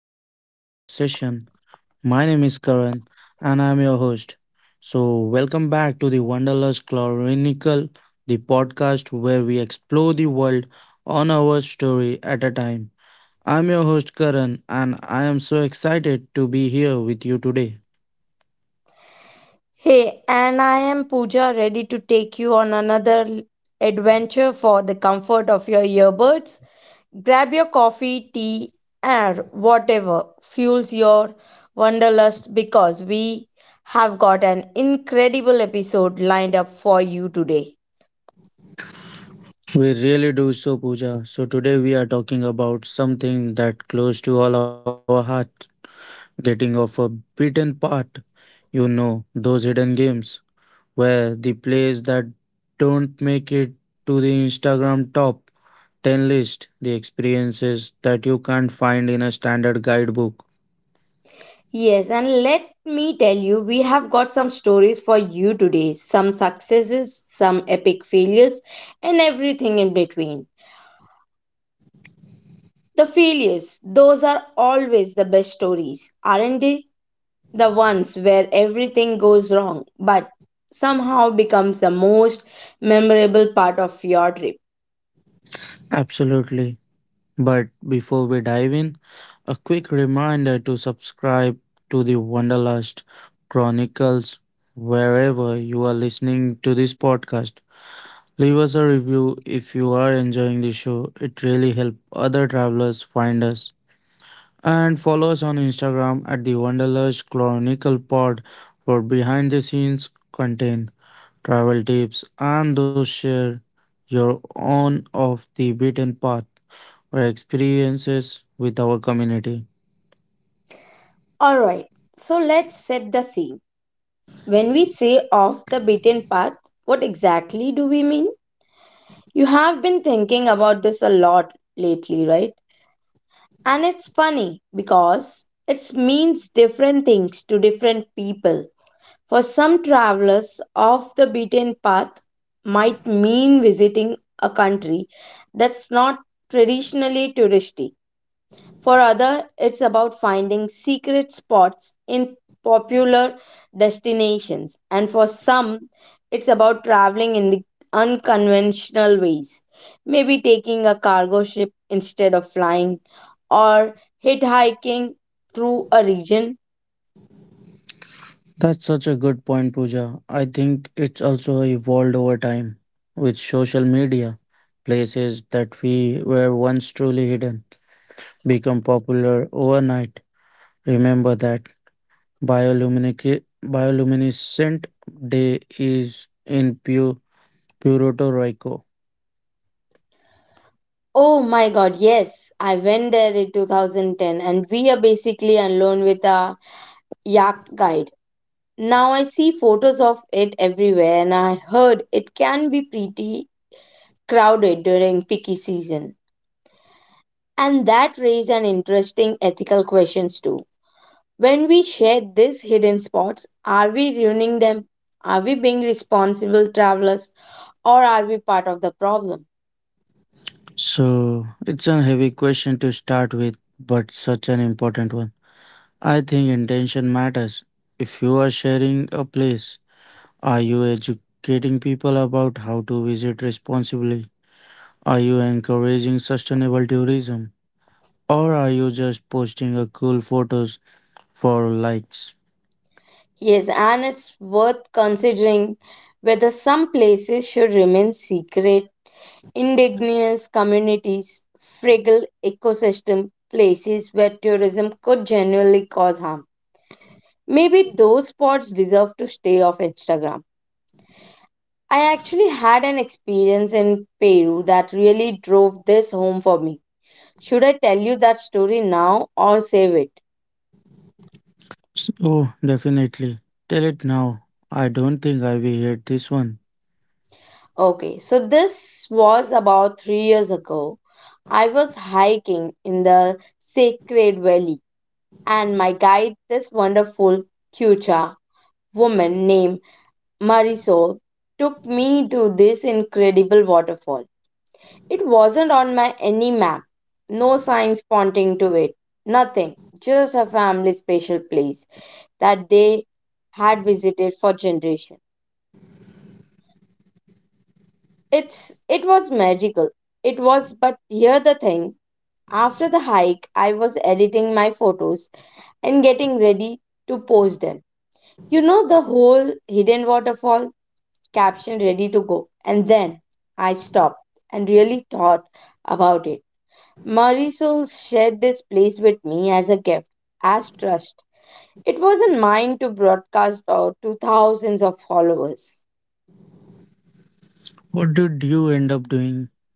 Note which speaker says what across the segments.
Speaker 1: welcome to our podcast session. My name is Karan and I'm your host. Welcome back to the Wonderlust Chronicle, the podcast where we explore the world on our story at a time. I'm your host Karan and I am so excited to be here with you today.
Speaker 2: Hey, and I am Pooja, ready to take you on another adventure for the comfort of your earbuds. Grab your coffee, tea, air, whatever fuels your wanderlust because we have got an incredible episode lined up for you today.
Speaker 1: We really do so, Pooja. So, today we are talking about something that close to all our hearts, getting off a beaten path. Those hidden games where the plays that don't make it to the Instagram top 10 list, the experiences that you can't find in a standard guidebook.
Speaker 2: Yes, and let me tell you, we have got some stories for you today, some successes, some epic failures, and everything in between. The failures, those are always the best stories, aren't they? The ones where everything goes wrong but somehow becomes the most memorable part of your trip.
Speaker 1: Absolutely. But before we dive in, a quick reminder to subscribe to the Wanderlust Chronicles wherever you are listening to this podcast. Leave us a review if you are enjoying the show. It really helps other travelers find us, and follow us on Instagram at the Wanderlust Chronicle Pod for behind the scenes content, travel tips, and those share your own off the beaten path or experiences with our community.
Speaker 2: Alright, so let's set the scene. When we say off the beaten path, what exactly do we mean? You have been thinking about this a lot lately, right? And it's funny because it means different things to different people. For some travelers, off the beaten path might mean visiting a country that's not traditionally touristy. For others, it's about finding secret spots in popular destinations. And for some, it's about traveling in the unconventional ways. Maybe taking a cargo ship instead of flying, or hitchhiking through a region.
Speaker 1: That's such a good point, Pooja. I think it's also evolved over time with social media. Places that we were once truly hidden become popular overnight. Remember that bioluminescent bioluminescent day is in Puerto Rico.
Speaker 2: Oh my god, yes. I went there in 2010 and we are basically alone with a yak guide. Now I see photos of it everywhere and I heard it can be pretty crowded during picky season. And that raises an interesting ethical questions too. When we share these hidden spots, are we ruining them? Are we being responsible travelers or are we part of the problem?
Speaker 1: So it's a heavy question to start with, but such an important one. I think intention matters. If you are sharing a place, are you educating people about how to visit responsibly? Are you encouraging sustainable tourism? Or are you just posting a cool photos for likes?
Speaker 2: Yes, and it's worth considering whether some places should remain secret. Indigenous communities, fragile ecosystem, places where tourism could genuinely cause harm. Maybe those spots deserve to stay off Instagram. I actually had an experience in Peru that really drove this home for me. Should I tell you that story now or save it?
Speaker 1: Oh, definitely. Tell it now. I don't think I will hear this one.
Speaker 2: Okay, so this was about 3 years ago. I was hiking in the Sacred Valley, and my guide, this wonderful Quechua woman named Marisol, took me to this incredible waterfall. It wasn't on my any map, no signs pointing to it, nothing, just a family special place that they had visited for generations. It's it was magical. It was, but here the thing. After the hike, I was editing my photos and getting ready to post them. You know the whole hidden waterfall caption ready to go. And then I stopped and really thought about it. Marisol shared this place with me as a gift, as trust. It wasn't mine to broadcast out to thousands of followers.
Speaker 1: What did you end up doing?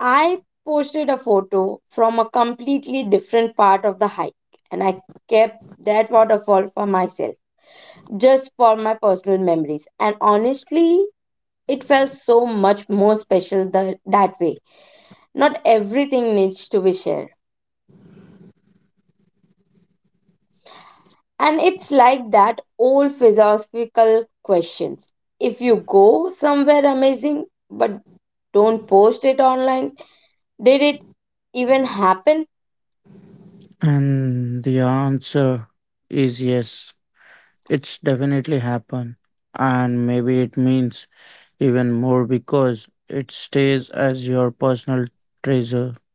Speaker 2: I posted a photo from a completely different part of the hike and I kept that waterfall for myself, just for my personal memories. And honestly, it felt so much more special that way. Not everything needs to be shared. And it's like that old philosophical questions. If you go somewhere amazing but don't post it online, did it even happen?
Speaker 1: And the answer is yes. It's definitely happened. And maybe it means even more because it stays as your personal treasure.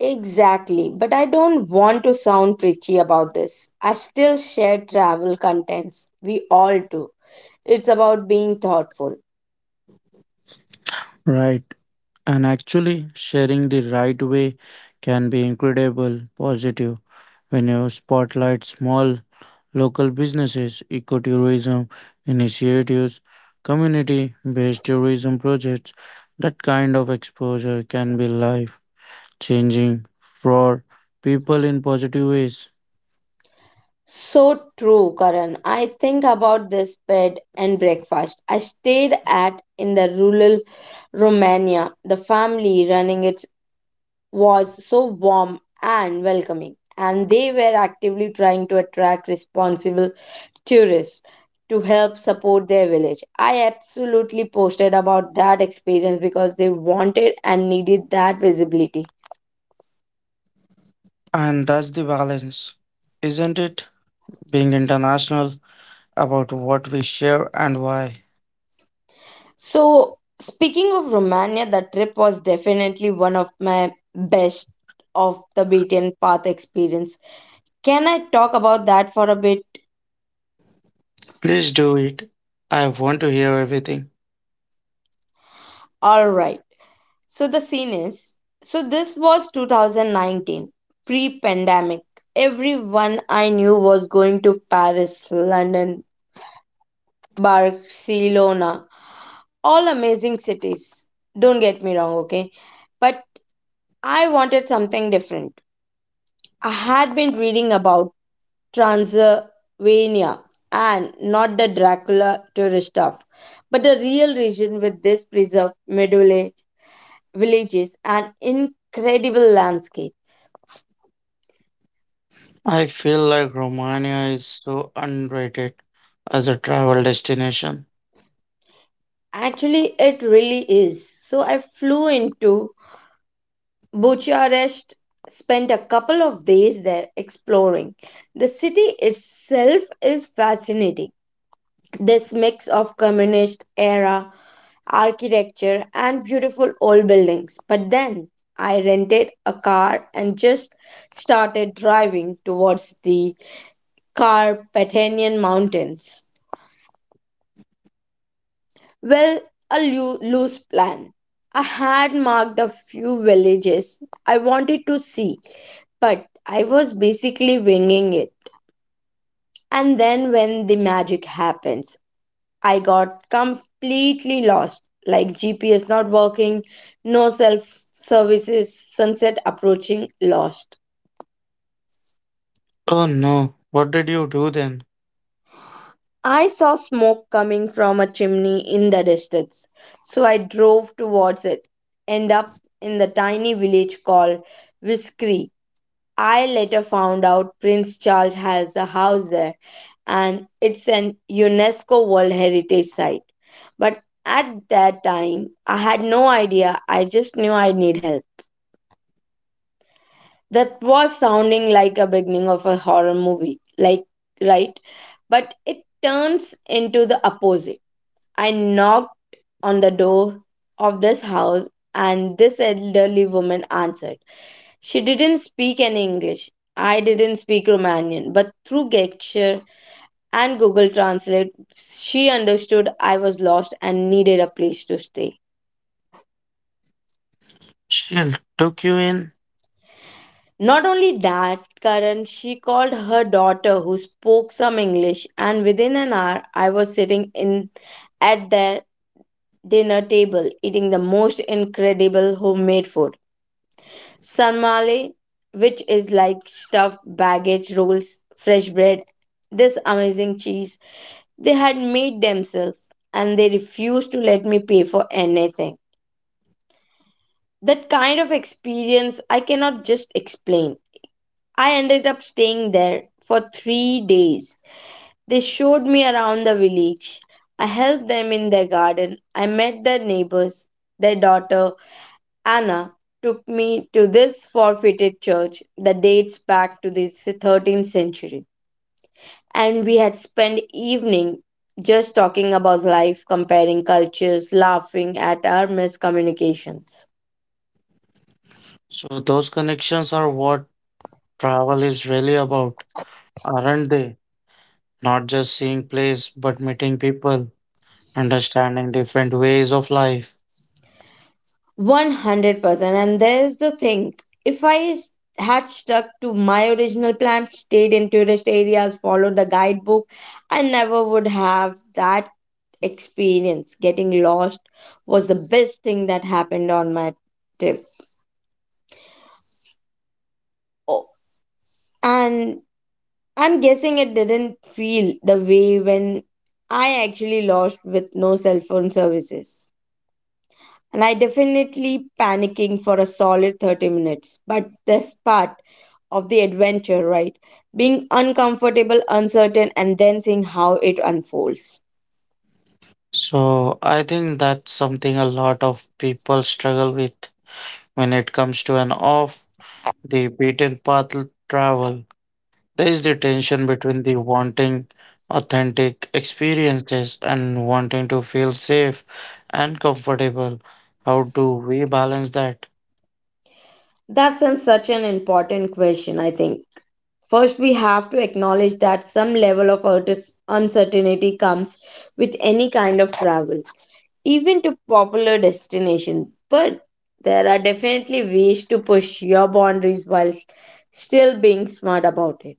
Speaker 2: Exactly, but I don't want to sound preachy about this. I still share travel contents. We all do. It's about being thoughtful.
Speaker 1: Right. And actually, sharing the right way can be incredible positive when you spotlight small local businesses, ecotourism initiatives, community based tourism projects. That kind of exposure can be life changing for people in positive ways.
Speaker 2: So true, Karan. I think about this bed and breakfast I stayed at in the rural Romania. The family running it was so warm and welcoming, and they were actively trying to attract responsible tourists to help support their village. I absolutely posted about that experience because they wanted and needed that visibility.
Speaker 1: And that's the balance, isn't it? Being international about what we share and why.
Speaker 2: So, speaking of Romania, the trip was definitely one of my best of the beaten path experience. Can I talk about that for a bit?
Speaker 1: Please do it. I want to hear everything.
Speaker 2: All right. So, the scene is, so this was 2019, pre pandemic. Everyone I knew was going to Paris, London, Barcelona, all amazing cities. Don't get me wrong, okay? But I wanted something different. I had been reading about Transylvania, and not the Dracula tourist stuff, but the real region with this preserved villages and incredible landscape.
Speaker 1: I feel like Romania is so underrated as a travel destination.
Speaker 2: Actually, it really is. So I flew into Bucharest, spent a couple of days there exploring. The city itself is fascinating. This mix of communist era architecture and beautiful old buildings. But then I rented a car and just started driving towards the Carpathian Mountains. Well, a loose plan. I had marked a few villages I wanted to see, but I was basically winging it. And then when the magic happens, I got completely lost. Like GPS not working, no self services, sunset approaching, lost.
Speaker 1: Oh no, what did you do then?
Speaker 2: I saw smoke coming from a chimney in the distance, so I drove towards it. End up in the tiny village called Whiskey. I later found out Prince Charles has a house there and it's an UNESCO World Heritage Site. But at that time, I had no idea. I just knew I need help. That was sounding like a beginning of a horror movie, like, right? But it turns into the opposite. I knocked on the door of this house, and this elderly woman answered. She didn't speak any English. I didn't speak Romanian, but through gesture and Google Translate, she understood I was lost and needed a place to stay.
Speaker 1: She took you in?
Speaker 2: Not only that, Karan, she called her daughter who spoke some English, and within an hour, I was sitting in at their dinner table eating the most incredible homemade food. Sarmale, which is like stuffed baggage rolls, fresh bread, this amazing cheese they had made themselves, and they refused to let me pay for anything. That kind of experience I cannot just explain. I ended up staying there for 3 days. They showed me around the village. I helped them in their garden. I met their neighbors, their daughter, Anna, took me to this forfeited church that dates back to the 13th century, and we had spent evening just talking about life, comparing cultures, laughing at our miscommunications.
Speaker 1: So those connections are what travel is really about, aren't they? Not just seeing place, but meeting people, understanding different ways of life.
Speaker 2: 100% and there's the thing, if I s- had stuck to my original plan, stayed in tourist areas, followed the guidebook, I never would have that experience. Getting lost was the best thing that happened on my trip. Oh, and I'm guessing it didn't feel the way when I actually lost with no cell phone services, and I definitely panicking for a solid 30 minutes. But this part of the adventure, right? Being uncomfortable, uncertain, and then seeing how it unfolds.
Speaker 1: So I think that's something a lot of people struggle with when it comes to an off the beaten path travel. There is the tension between the wanting authentic experiences and wanting to feel safe and comfortable. How do we balance that?
Speaker 2: Such an important question, I think. First, we have to acknowledge that some level of uncertainty comes with any kind of travel, even to popular destination. But there are definitely ways to push your boundaries while still being smart about it.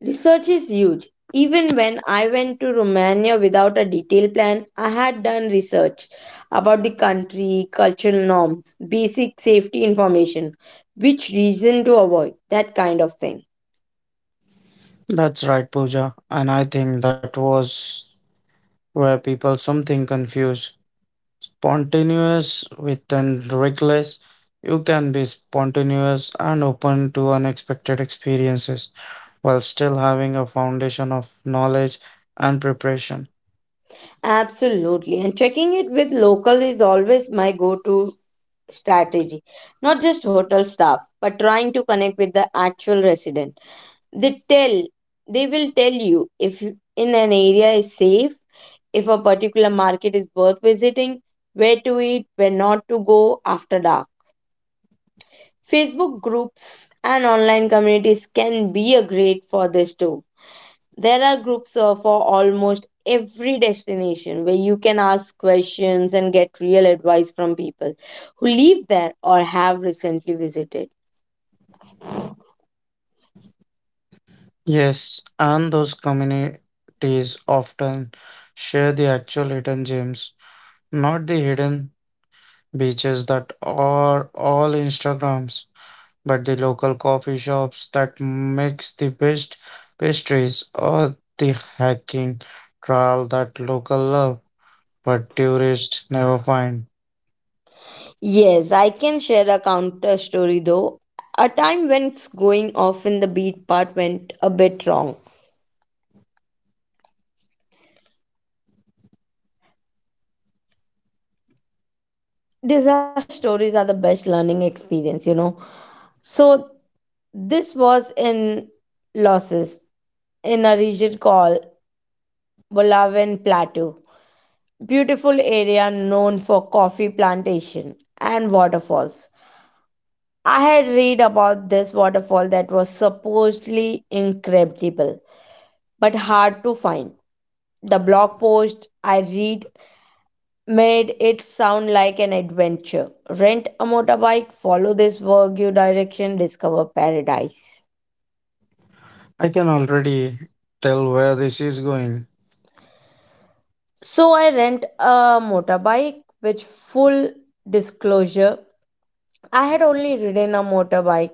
Speaker 2: Research is huge. Even when I went to Romania without a detailed plan, I had done research about the country, cultural norms, basic safety information, which region to avoid, that kind of thing.
Speaker 1: That's right, Pooja. And I think that was where people something confuse spontaneous with and reckless. You can be spontaneous and open to unexpected experiences while still having a foundation of knowledge and preparation.
Speaker 2: Absolutely. And checking it with local is always my go to strategy. Not just hotel staff, but trying to connect with the actual resident. they tell they will tell you if in an area is safe, if a particular market is worth visiting, where to eat, where not to go after dark. Facebook groups and online communities can be a great for this too. There are groups for almost every destination where you can ask questions and get real advice from people who live there or have recently visited.
Speaker 1: Yes, and those communities often share the actual hidden gems, not the hidden beaches that are all Instagrams, but the local coffee shops that makes the best pastries or the hiking trail that local love but tourists never find.
Speaker 2: Yes, I can share a counter story though. A time when it's going off in the beat part went a bit wrong. Disaster stories are the best learning experience, you know. So this was in losses in a region called Bulawan Plateau. Beautiful area known for coffee plantation and waterfalls. I had read about this waterfall that was supposedly incredible but hard to find. The blog post I read made it sound like an adventure. Rent a motorbike, follow this Wagyu direction, discover paradise.
Speaker 1: I can already tell where this is going.
Speaker 2: So I rent a motorbike, which full disclosure, I had only ridden a motorbike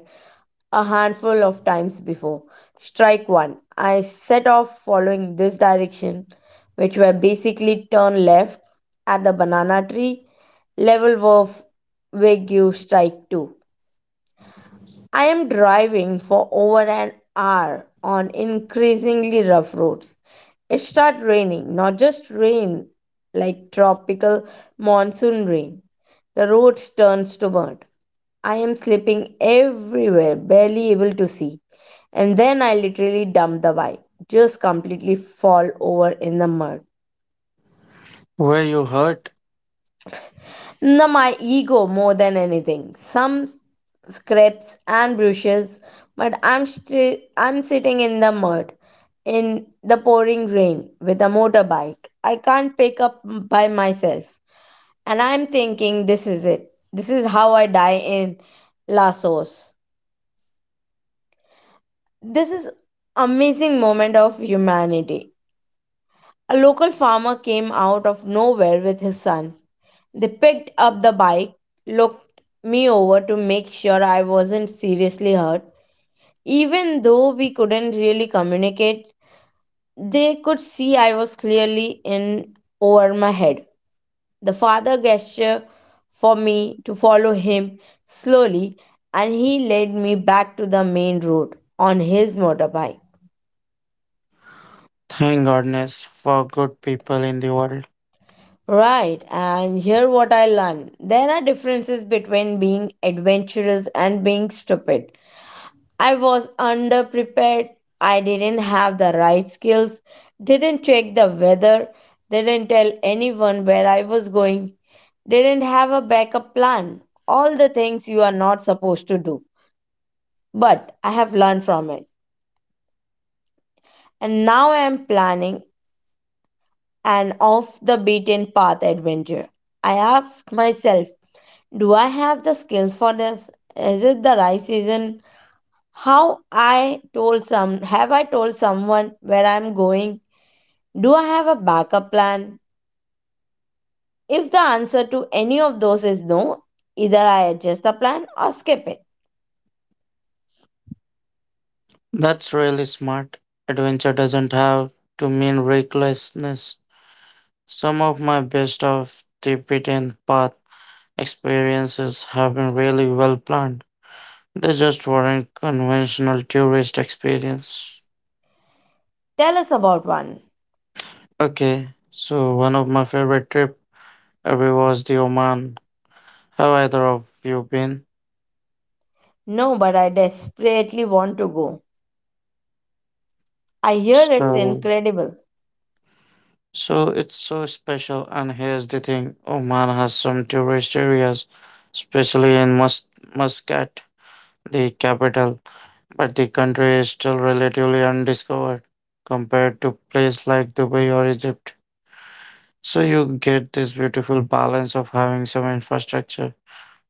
Speaker 2: a handful of times before. Strike one. I set off following this direction, which were basically turn left at the banana tree. Level of Wagyu strike two. I am driving for over an hour on increasingly rough roads. It started raining, not just rain, like tropical monsoon rain. The roads turns to mud. I am slipping everywhere, barely able to see. And then I literally dump the bike, just completely fall over in the mud.
Speaker 1: Where you hurt?
Speaker 2: No, my ego more than anything. Some scrapes and brushes, but I'm sitting in the mud in the pouring rain with a motorbike. I can't pick up by myself. And I'm thinking this is it. This is how I die in Lasos. This is amazing moment of humanity. A local farmer came out of nowhere with his son. They picked up the bike, looked me over to make sure I wasn't seriously hurt. Even though we couldn't really communicate, they could see I was clearly in over my head. The father gestured for me to follow him slowly and he led me back to the main road on his motorbike.
Speaker 1: Thank goodness for good people in the world.
Speaker 2: Right, and here what I learned. There are differences between being adventurous and being stupid. I was underprepared. I didn't have the right skills, didn't check the weather, didn't tell anyone where I was going, didn't have a backup plan. All the things you are not supposed to do. But I have learned from it. And now I am planning an off the beaten path adventure. I asked myself, do I have the skills for this? Is it the right season? How I told some have I told someone where I'm going? Do I have a backup plan? If the answer to any of those is no, either I adjust the plan or skip it.
Speaker 1: That's really smart. Adventure doesn't have to mean recklessness. Some of my best off the beaten path experiences have been really well planned. They just weren't conventional tourist experience.
Speaker 2: Tell us about one.
Speaker 1: Okay, so one of my favorite trip ever was the Oman. Have either of you been?
Speaker 2: No, but I desperately want to go. I hear it's
Speaker 1: So,
Speaker 2: incredible.
Speaker 1: so it's so special. And here's the thing: Oman has some tourist areas, especially in Muscat the capital, but the country is still relatively undiscovered compared to places like Dubai or Egypt. So you get this beautiful balance of having some infrastructure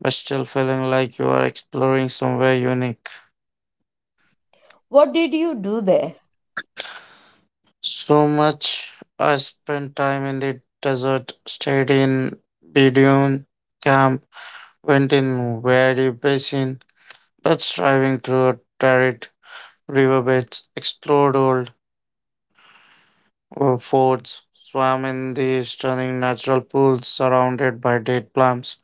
Speaker 1: but still feeling like you are exploring somewhere unique.
Speaker 2: What did you do there?
Speaker 1: So much I spent time in the desert, stayed in Bedouin camp, went in Wadi Basin, that's driving through a arid riverbeds, explored old Fords swam in the stunning natural pools surrounded by date palms,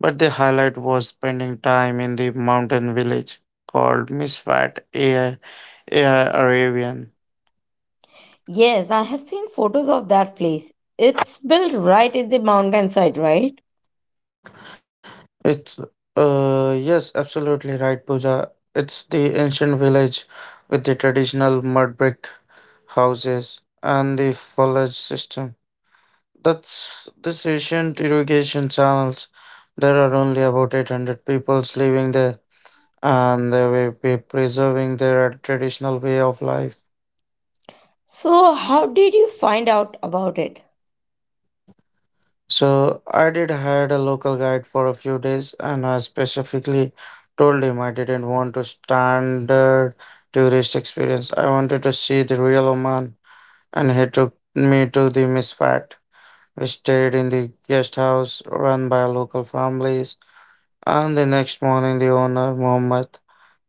Speaker 1: but the highlight was spending time in the mountain village called Misfat AI, Arabian.
Speaker 2: Yes, I have seen photos of that place. It's built right in the mountainside, right?
Speaker 1: It's, yes, absolutely right, Pooja. It's the ancient village with the traditional mud brick houses and the foliage system. That's this ancient irrigation channels. There are only about 800 peoples living there and they will be preserving their traditional way of life.
Speaker 2: So, how did you find out about it?
Speaker 1: So I did hire a local guide for a few days, and I specifically told him I didn't want to standard tourist experience. I wanted to see the real Oman, and he took me to the Misfat. We stayed in the guest house run by local families, and the next morning the owner Mohammed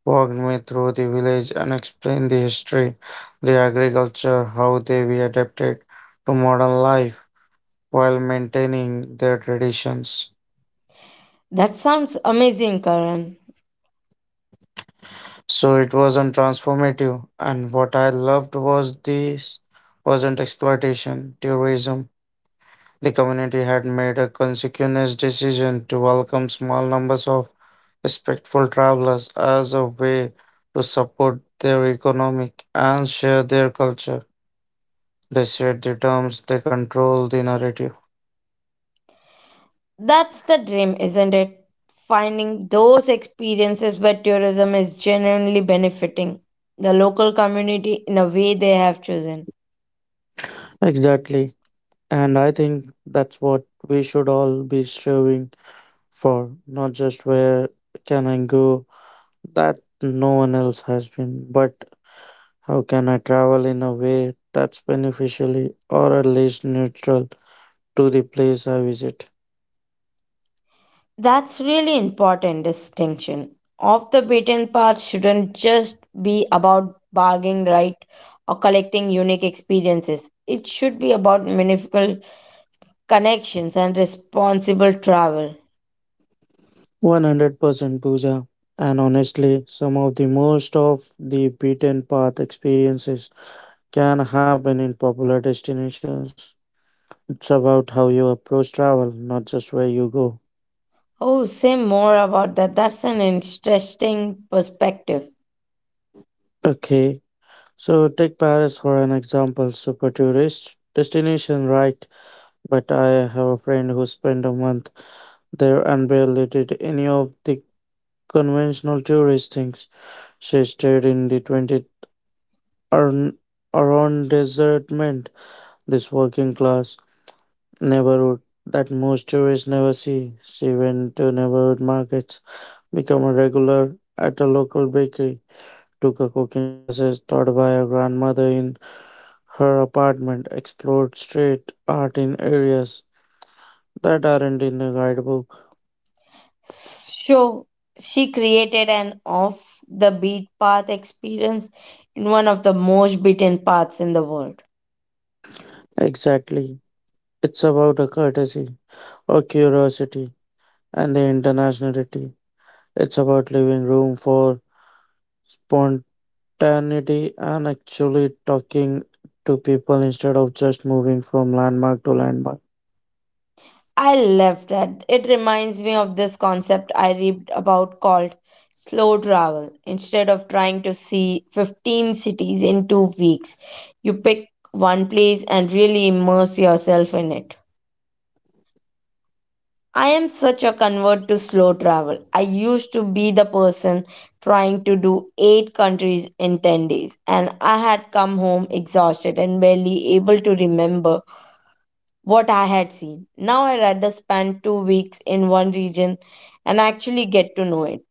Speaker 1: walked me through the village and explained the history, the agriculture, how they were adapted to modern life while maintaining their traditions.
Speaker 2: That sounds amazing, Karan.
Speaker 1: So it wasn't transformative, and what I loved was this wasn't exploitation, tourism. The community had made a consequential decision to welcome small numbers of respectful travelers as a way to support their economic and share their culture. They set the terms, they control the narrative.
Speaker 2: That's the dream, isn't it? Finding those experiences where tourism is genuinely benefiting the local community in a way they have chosen.
Speaker 1: Exactly. And I think that's what we should all be striving for, not just where can I go that no one else has been, but how can I travel in a way that's beneficially or at least neutral to the place I visit.
Speaker 2: That's really important distinction. Off the beaten path shouldn't just be about bargaining right or collecting unique experiences. It should be about meaningful connections and responsible travel.
Speaker 1: 100% Pooja. And honestly, some of the most of the beaten path experiences can happen in popular destinations. It's about how you approach travel, not just where you go.
Speaker 2: Oh, say more about that. That's an interesting perspective.
Speaker 1: Okay, so take Paris for an example, super tourist destination, right? But I have a friend who spent a month there and barely did any of the conventional tourist things. She stayed in the 20th Aron- arrondissement, this working class neighborhood that most tourists never see. She went to neighborhood markets, become a regular at a local bakery, took a cooking classes taught by her grandmother in her apartment, explored street art in areas that aren't in the guidebook.
Speaker 2: So, she created an off the beat path experience in one of the most beaten paths in the world.
Speaker 1: Exactly. It's about a courtesy or curiosity and the internationality. It's about leaving room for spontaneity and actually talking to people instead of just moving from landmark to landmark.
Speaker 2: I love that. It reminds me of this concept I read about called slow travel. Instead of trying to see 15 cities in 2 weeks, you pick one place and really immerse yourself in it. I am such a convert to slow travel. I used to be the person trying to do 8 countries in 10 days, and I had come home exhausted and barely able to remember what I had seen. Now I rather spend 2 weeks in one region and actually get to know it.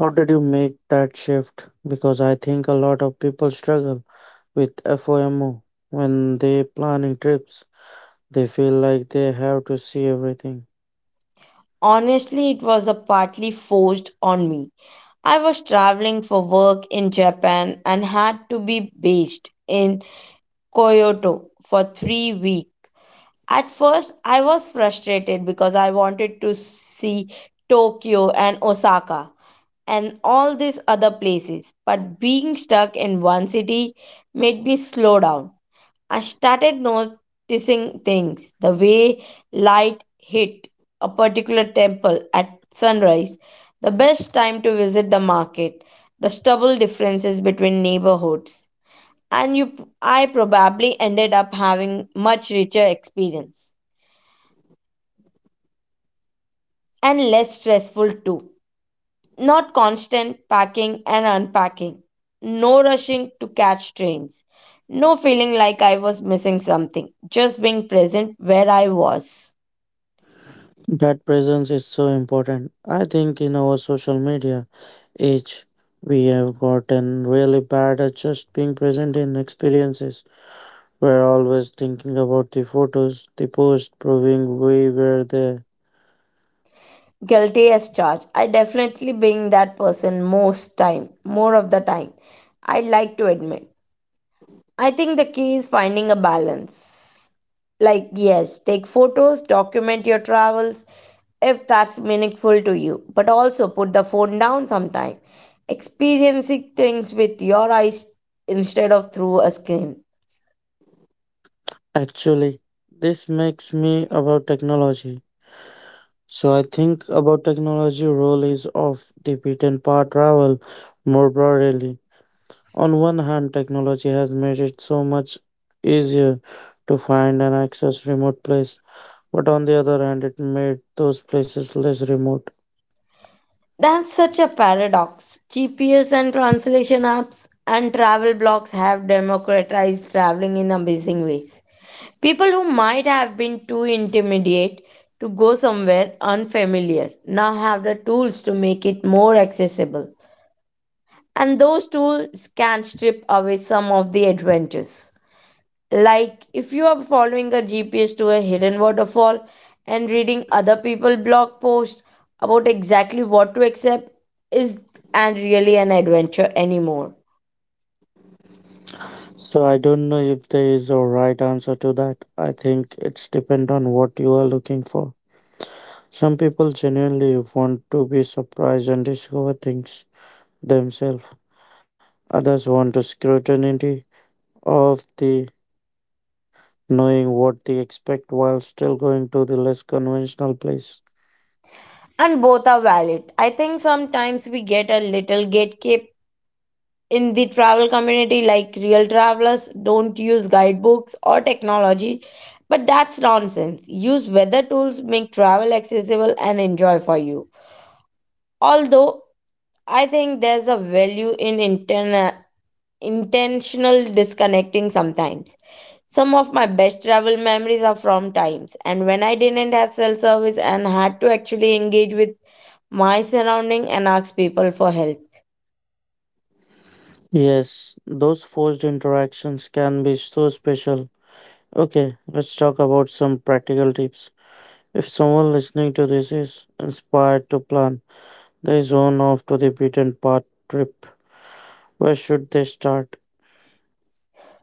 Speaker 1: How did you make that shift? Because I think a lot of people struggle with FOMO. When they planning trips, they feel like they have to see everything.
Speaker 2: Honestly, it was a partly forced on me. I was traveling for work in Japan and had to be based in Kyoto for 3 weeks. At first, I was frustrated because I wanted to see Tokyo and Osaka and all these other places, but being stuck in one city made me slow down. I started noticing things the way light hit a particular temple at sunrise, the best time to visit the market, the stubble differences between neighborhoods. And you, I probably ended up having much richer experience and less stressful too. Not constant packing and unpacking, no rushing to catch trains, no feeling like I was missing something, just being present where I was.
Speaker 1: That presence is so important. I think in our social media age, we have gotten really bad at just being present in experiences. We're always thinking about the photos, the post, proving we were there.
Speaker 2: Guilty as charged. I definitely being that person most time, more of the time. I'd like to admit. I think the key is finding a balance. Like yes, take photos, document your travels if that's meaningful to you, but also put the phone down sometime. Experiencing things with your eyes instead of through a screen.
Speaker 1: Actually, this makes me about technology. So I think about technology role is of the beaten path travel more broadly. On one hand, technology has made it so much easier to find and access remote place, but on the other hand, it made those places less remote.
Speaker 2: That's such a paradox. GPS and translation apps and travel blogs have democratized traveling in amazing ways. People who might have been too intimidated to go somewhere unfamiliar now have the tools to make it more accessible. And those tools can strip away some of the adventures. Like if you are following a GPS to a hidden waterfall and reading other people blog posts about exactly what to accept is and really an adventure anymore.
Speaker 1: So I don't know if there is a right answer to that. I think it's depend on what you are looking for. Some people genuinely want to be surprised and discover things themselves. Others want the scrutiny of the knowing what they expect while still going to the less conventional place.
Speaker 2: And both are valid. I think sometimes we get a little gatekeep in the travel community like real travelers don't use guidebooks or technology, but that's nonsense. Use weather tools, make travel accessible and enjoy for you. Although I think there's a value in intentional disconnecting sometimes. Some of my best travel memories are from times and when I didn't have cell service and had to actually engage with my surrounding and ask people for help.
Speaker 1: Yes, those forced interactions can be so special. Okay, let's talk about some practical tips. If someone listening to this is inspired to plan their zone off to the beaten path trip, where should they start?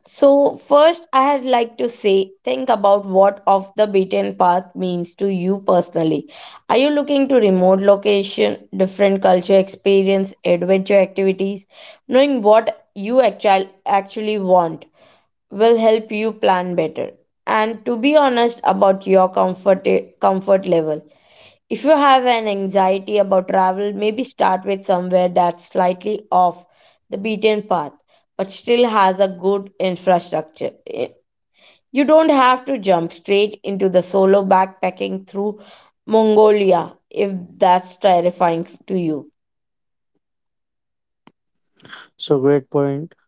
Speaker 2: So, first, I had like to say, think about what off the beaten path means to you personally. Are you looking to remote location, different culture experience, adventure activities? Knowing what you actually want will help you plan better. And to be honest about your comfort level. If you have an anxiety about travel, maybe start with somewhere that's slightly off the beaten path but still has a good infrastructure. You don't have to jump straight into the solo backpacking through Mongolia if that's terrifying to you.
Speaker 1: So, great point.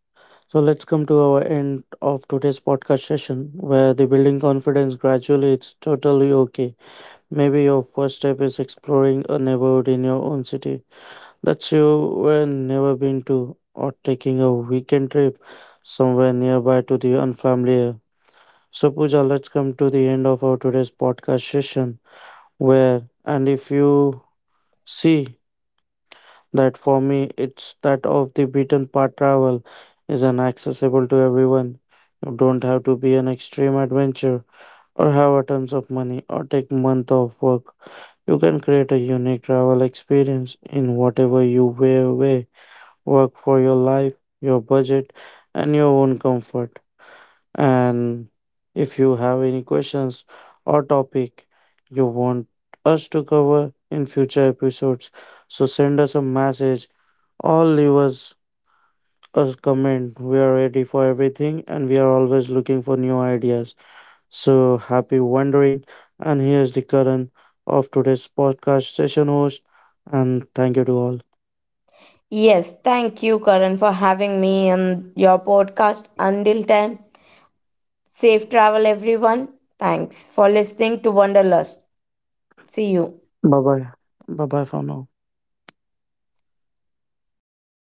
Speaker 1: So, let's come to our end of today's podcast session where the building confidence gradually it's totally okay. Maybe your first step is exploring a neighborhood in your own city that you were never been to, or taking a weekend trip somewhere nearby to the unfamiliar. So, Pooja, let's come to the end of our today's podcast session. Where, and if you see that for me, it's that of the beaten path travel is an accessible to everyone. You don't have to be an extreme adventure or have a tons of money or take month off work. You can create a unique travel experience in whatever you way work for your life, your budget, and your own comfort. And if you have any questions or topic you want us to cover in future episodes, so send us a message or leave us a comment. We are ready for everything and we are always looking for new ideas. So happy wandering! And here's the current of today's podcast session host. And thank you to all.
Speaker 2: Yes, thank you, Karan, for having me on your podcast. Until time, safe travel, everyone. Thanks for listening to Wanderlust. See you.
Speaker 1: Bye bye. Bye bye for now.